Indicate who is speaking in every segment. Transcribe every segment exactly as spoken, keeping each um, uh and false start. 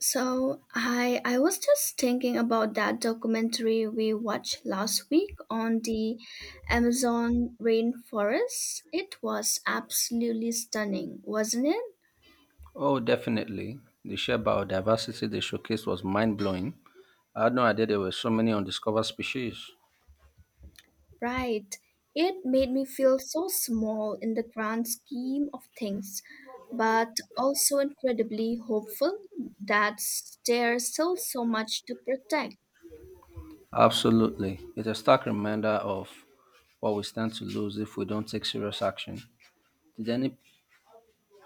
Speaker 1: So I I was just thinking about that documentary we watched last week on the Amazon rainforest. It was absolutely stunning, wasn't it?
Speaker 2: Oh, definitely. The sheer biodiversity they showcased was mind blowing. I had no idea there were so many undiscovered species.
Speaker 1: Right. It made me feel so small in the grand scheme of things, but also incredibly hopeful that there's still so much to protect.
Speaker 2: Absolutely. It's a stark reminder of what we stand to lose if we don't take serious action. Did any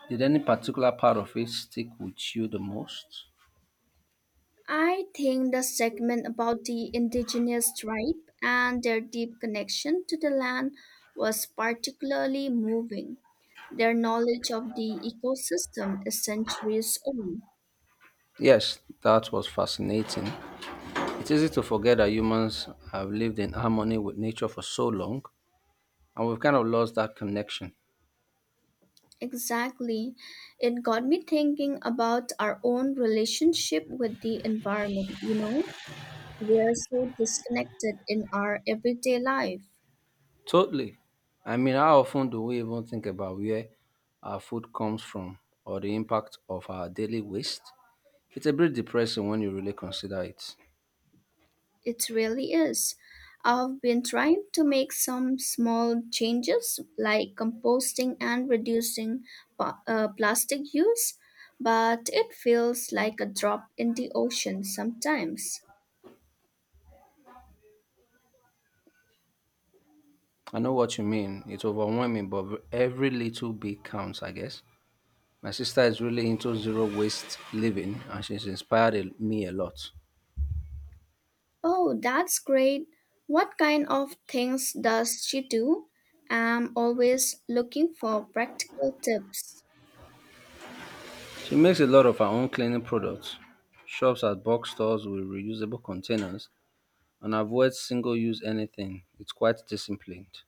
Speaker 2: did any particular part of it stick with you the most?
Speaker 1: I think the segment about the indigenous tribe and their deep connection to the land was particularly moving. Their knowledge of the ecosystem is centuries old.
Speaker 2: Yes, that was fascinating. It's easy to forget that humans have lived in harmony with nature for so long and we've kind of lost that connection.
Speaker 1: Exactly. It got me thinking about our own relationship with the environment, you know? We're so disconnected in our everyday life.
Speaker 2: Totally. I mean, how often do we even think about where our food comes from or the impact of our daily waste? It's a bit depressing when you really consider it.
Speaker 1: It really is. I've been trying to make some small changes like composting and reducing pa- uh, plastic use, but it feels like a drop in the ocean sometimes.
Speaker 2: I know what you mean. It's overwhelming, but every little bit counts, I guess. My sister is really into zero waste living and she's inspired a- me a lot.
Speaker 1: Oh, that's great. What kind of things does she do? I'm always looking for practical tips.
Speaker 2: She makes a lot of her own cleaning products, shops at box stores with reusable containers, and avoids single use anything. It's quite disciplined.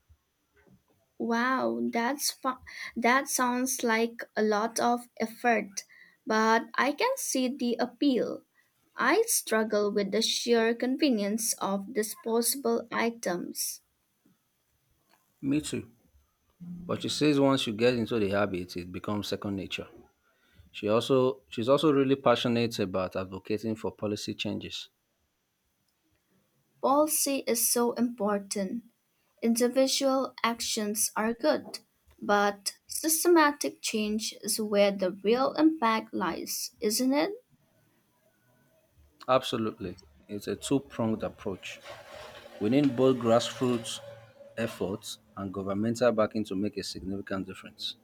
Speaker 1: Wow, that's fu- that sounds like a lot of effort, but I can see the appeal. I struggle with the sheer convenience of disposable items.
Speaker 2: Me too. But she says once you get into the habit, it becomes second nature. She also she's also really passionate about advocating for policy changes.
Speaker 1: Policy is so important. Individual actions are good, but systematic change is where the real impact lies, isn't it?
Speaker 2: Absolutely. It's a two-pronged approach. We need both grassroots efforts and governmental backing to make a significant difference.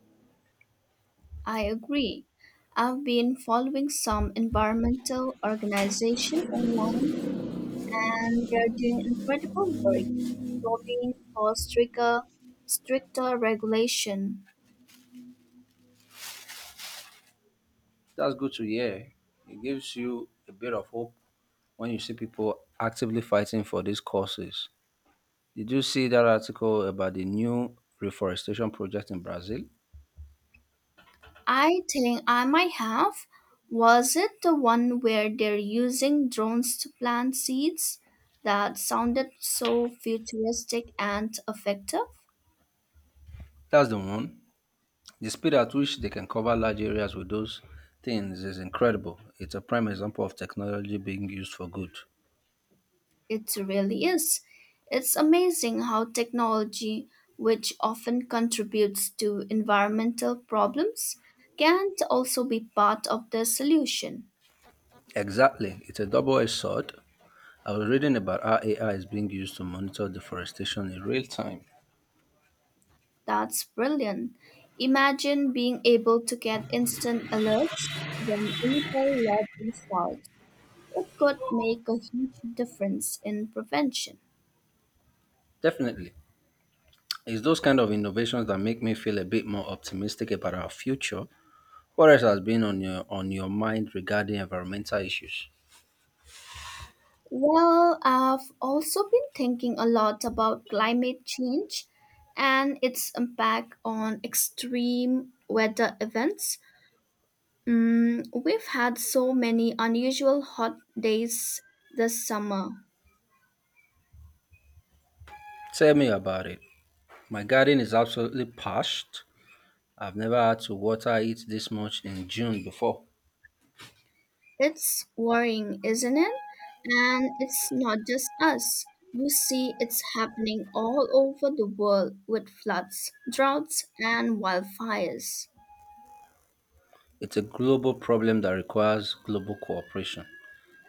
Speaker 1: I agree. I've been following some environmental organization online and they're doing incredible work lobbying for stricter, stricter regulation.
Speaker 2: That's good to hear. It gives you a bit of hope when you see people actively fighting for these causes. Did you see that article about the new reforestation project in Brazil?
Speaker 1: I think I might have. Was it the one where they're using drones to plant seeds? That sounded so futuristic and effective.
Speaker 2: That's the one. The speed at which they can cover large areas with those things is incredible. It's a prime example of technology being used for good.
Speaker 1: It really is. It's amazing how technology, which often contributes to environmental problems, can also be part of the solution.
Speaker 2: Exactly. It's a double edged sword. I was reading about how A I is being used to monitor deforestation in real time.
Speaker 1: That's brilliant. Imagine being able to get instant alerts when illegal lodging starts. It could make a huge difference in prevention.
Speaker 2: Definitely. It's those kind of innovations that make me feel a bit more optimistic about our future. What else has been on your on your mind regarding environmental issues?
Speaker 1: Well, I've also been thinking a lot about climate change and its impact on extreme weather events. Mm, we've had so many unusual hot days this summer.
Speaker 2: Tell me about it. My garden is absolutely parched. I've never had to water it this much in June before.
Speaker 1: It's worrying, isn't it? And it's not just us. You see, it's happening all over the world with floods, droughts, and wildfires.
Speaker 2: It's a global problem that requires global cooperation.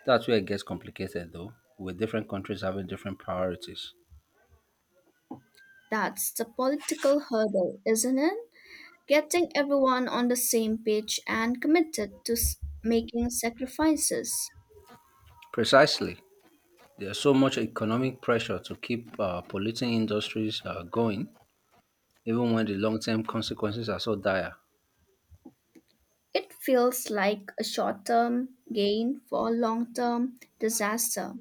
Speaker 2: That's where it gets complicated, though, with different countries having different priorities.
Speaker 1: That's the political hurdle, isn't it? Getting everyone on the same page and committed to s- making sacrifices.
Speaker 2: Precisely. There's so much economic pressure to keep uh, polluting industries uh, going, even when the long term consequences are so dire.
Speaker 1: It feels like a short term gain for a long term disaster.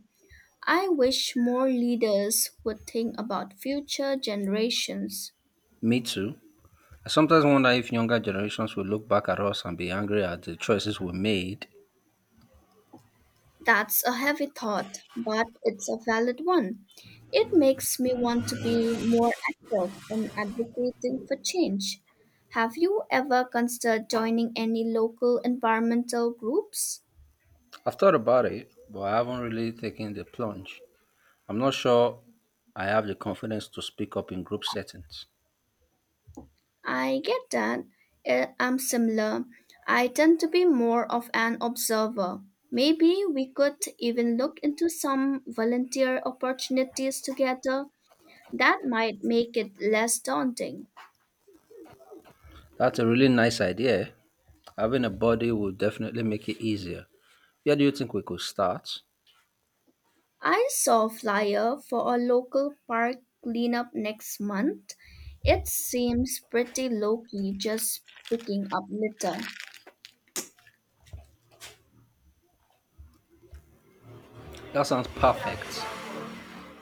Speaker 1: I wish more leaders would think about future generations.
Speaker 2: Me too. I sometimes wonder if younger generations will look back at us and be angry at the choices we made.
Speaker 1: That's a heavy thought, but it's a valid one. It makes me want to be more active in advocating for change. Have you ever considered joining any local environmental groups?
Speaker 2: I've thought about it, but I haven't really taken the plunge. I'm not sure I have the confidence to speak up in group settings.
Speaker 1: I get that. Eh, I'm similar. I tend to be more of an observer. Maybe we could even look into some volunteer opportunities together. That might make it less daunting.
Speaker 2: That's a really nice idea. Having a body will definitely make it easier. Where do you think we could start?
Speaker 1: I saw a flyer for a local park cleanup next month. It seems pretty low key, just picking up litter.
Speaker 2: That sounds perfect.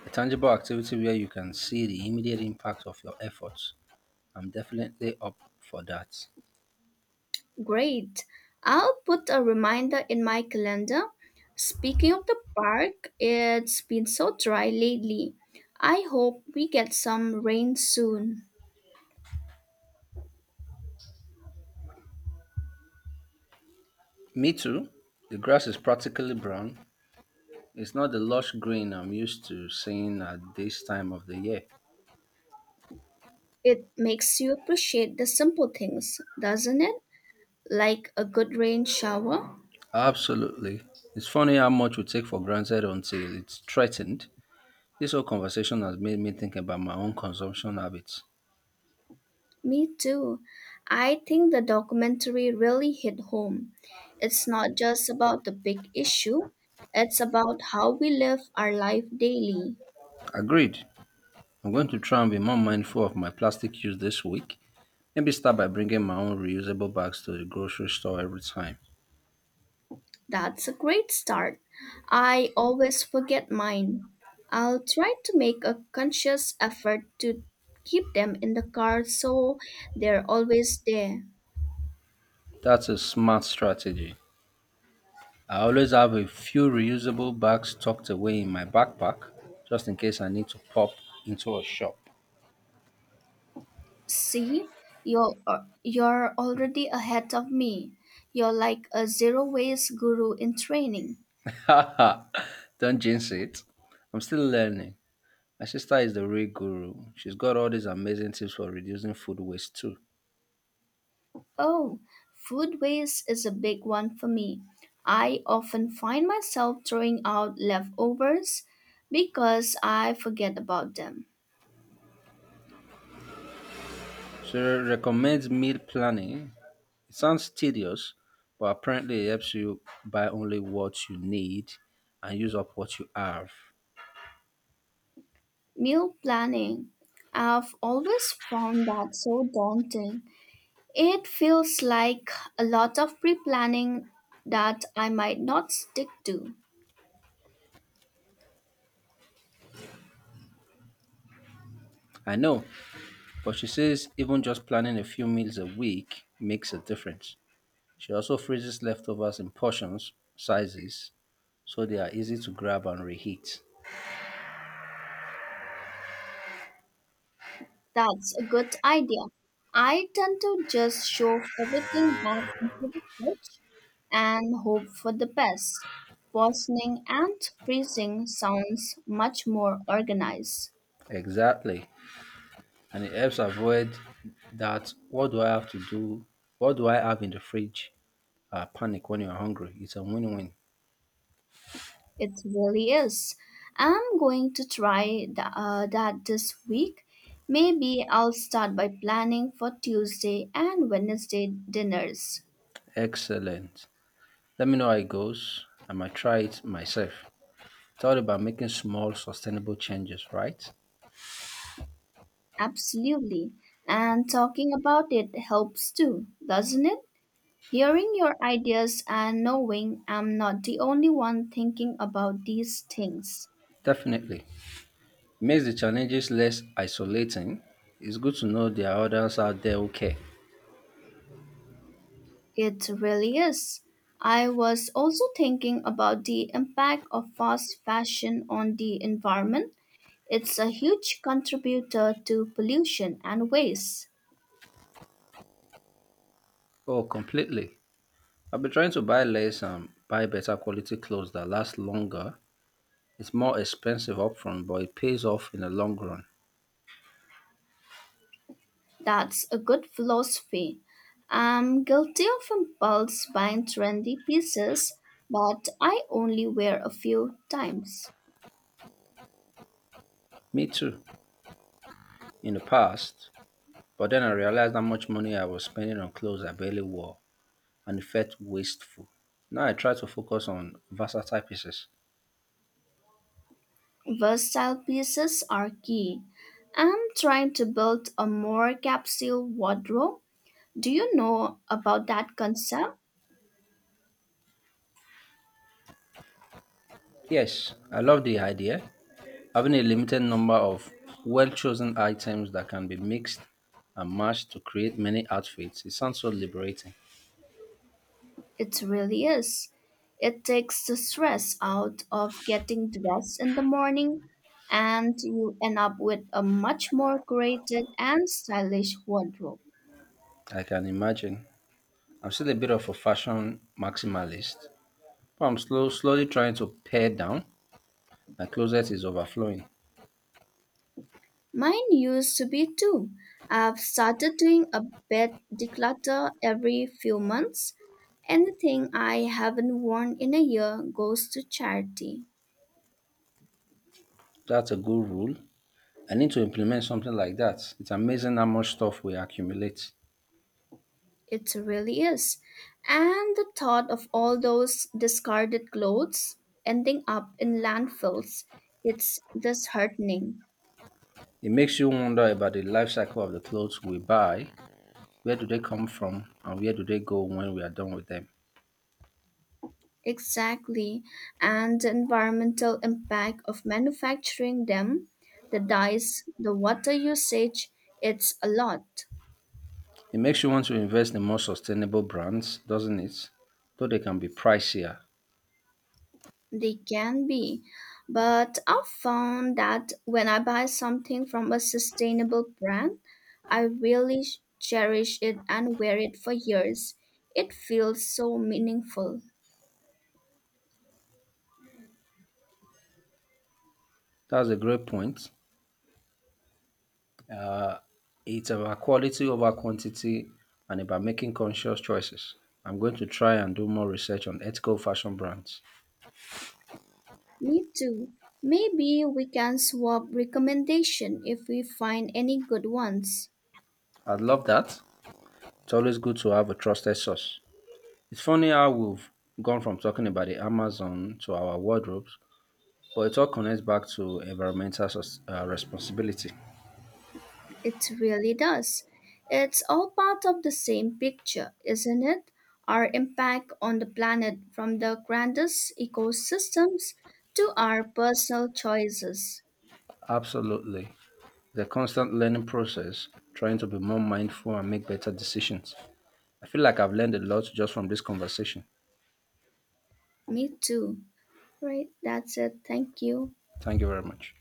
Speaker 2: A tangible activity where you can see the immediate impact of your efforts. I'm definitely up for that.
Speaker 1: Great. I'll put a reminder in my calendar. Speaking of the park, it's been so dry lately. I hope we get some rain soon.
Speaker 2: Me too. The grass is practically brown. It's not the lush green I'm used to seeing at this time of the year.
Speaker 1: It makes you appreciate the simple things, doesn't it? Like a good rain shower.
Speaker 2: Absolutely. It's funny how much we take for granted until it's threatened. This whole conversation has made me think about my own consumption habits.
Speaker 1: Me too. I think the documentary really hit home. It's not just about the big issue, it's about how we live our life daily.
Speaker 2: Agreed. I'm going to try and be more mindful of my plastic use this week. Maybe start by bringing my own reusable bags to the grocery store every time.
Speaker 1: That's a great start. I always forget mine. I'll try to make a conscious effort to keep them in the car so they're always there.
Speaker 2: That's a smart strategy. I always have a few reusable bags tucked away in my backpack just in case I need to pop into a shop.
Speaker 1: See, you're, you're already ahead of me. You're like a zero waste guru in training.
Speaker 2: Haha, don't jinx it. I'm still learning. My sister is the real guru. She's got all these amazing tips for reducing food waste too.
Speaker 1: Oh, food waste is a big one for me. I often find myself throwing out leftovers because I forget about them.
Speaker 2: She recommends meal planning. It sounds tedious, but apparently it helps you buy only what you need and use up what you have.
Speaker 1: Meal planning. I've always found that so daunting. It feels like a lot of pre planning that I might not stick to.
Speaker 2: I know, but she says even just planning a few meals a week makes a difference. She also freezes leftovers in portions, sizes, so they are easy to grab and reheat.
Speaker 1: That's a good idea. I tend to just shove everything back into the fridge and hope for the best. Portioning and freezing sounds much more organized.
Speaker 2: Exactly. And it helps avoid that what do I have to do? What do I have in the fridge? Uh, panic when you're hungry. It's a win win.
Speaker 1: It really is. I'm going to try th- uh, that this week. Maybe I'll start by planning for Tuesday and Wednesday dinners.
Speaker 2: Excellent. Let me know how it goes. I might try it myself. It's all about making small, sustainable changes, right?
Speaker 1: Absolutely. And talking about it helps too, doesn't it? Hearing your ideas and knowing I'm not the only one thinking about these things.
Speaker 2: Definitely. It makes the challenges less isolating. It's good to know there are others out there who care.
Speaker 1: It really is. I was also thinking about the impact of fast fashion on the environment. It's a huge contributor to pollution and waste.
Speaker 2: Oh, completely. I've been trying to buy less and buy better quality clothes that last longer. It's more expensive upfront, but it pays off in the long run.
Speaker 1: That's a good philosophy. I'm guilty of impulse buying trendy pieces, but I only wear a few times.
Speaker 2: Me too, in the past. But then I realized how much money I was spending on clothes I barely wore and felt wasteful. Now I try to focus on versatile pieces.
Speaker 1: Versatile pieces are key. I'm trying to build a more capsule wardrobe. Do you know about that concept?
Speaker 2: Yes, I love the idea. Having a limited number of well chosen items that can be mixed and matched to create many outfits. It sounds so liberating.
Speaker 1: It really is. It takes the stress out of getting dressed in the morning, and you end up with a much more creative and stylish wardrobe.
Speaker 2: I can imagine. I'm still a bit of a fashion maximalist, but I'm slow, slowly trying to pare down. My closet is overflowing.
Speaker 1: Mine used to be too. I've started doing a bed declutter every few months. Anything I haven't worn in a year goes to charity.
Speaker 2: That's a good rule. I need to implement something like that. It's amazing how much stuff we accumulate.
Speaker 1: It really is. And the thought of all those discarded clothes ending up in landfills, it's disheartening.
Speaker 2: It makes you wonder about the life cycle of the clothes we buy. Where do they come from and where do they go when we are done with them?
Speaker 1: Exactly. And the environmental impact of manufacturing them, the dyes, the water usage, it's a lot.
Speaker 2: It makes you want to invest in more sustainable brands, doesn't it? Though they can be pricier.
Speaker 1: They can be, but I've found that when I buy something from a sustainable brand, I really ch- cherish it and wear it for years. It feels so meaningful.
Speaker 2: That's a great point. Uh, it's about quality over quantity and about making conscious choices. I'm going to try and do more research on ethical fashion brands.
Speaker 1: Me too. Maybe we can swap recommendation if we find any good ones.
Speaker 2: I'd love that. It's always good to have a trusted source. It's funny how we've gone from talking about the Amazon to our wardrobes, but it all connects back to environmental sus- uh, responsibility.
Speaker 1: It really does. It's all part of the same picture, isn't it? Our impact on the planet from the grandest ecosystems to our personal choices.
Speaker 2: Absolutely. The constant learning process, trying to be more mindful and make better decisions. I feel like I've learned a lot just from this conversation.
Speaker 1: Me too. Right, that's it. Thank you.
Speaker 2: Thank you very much.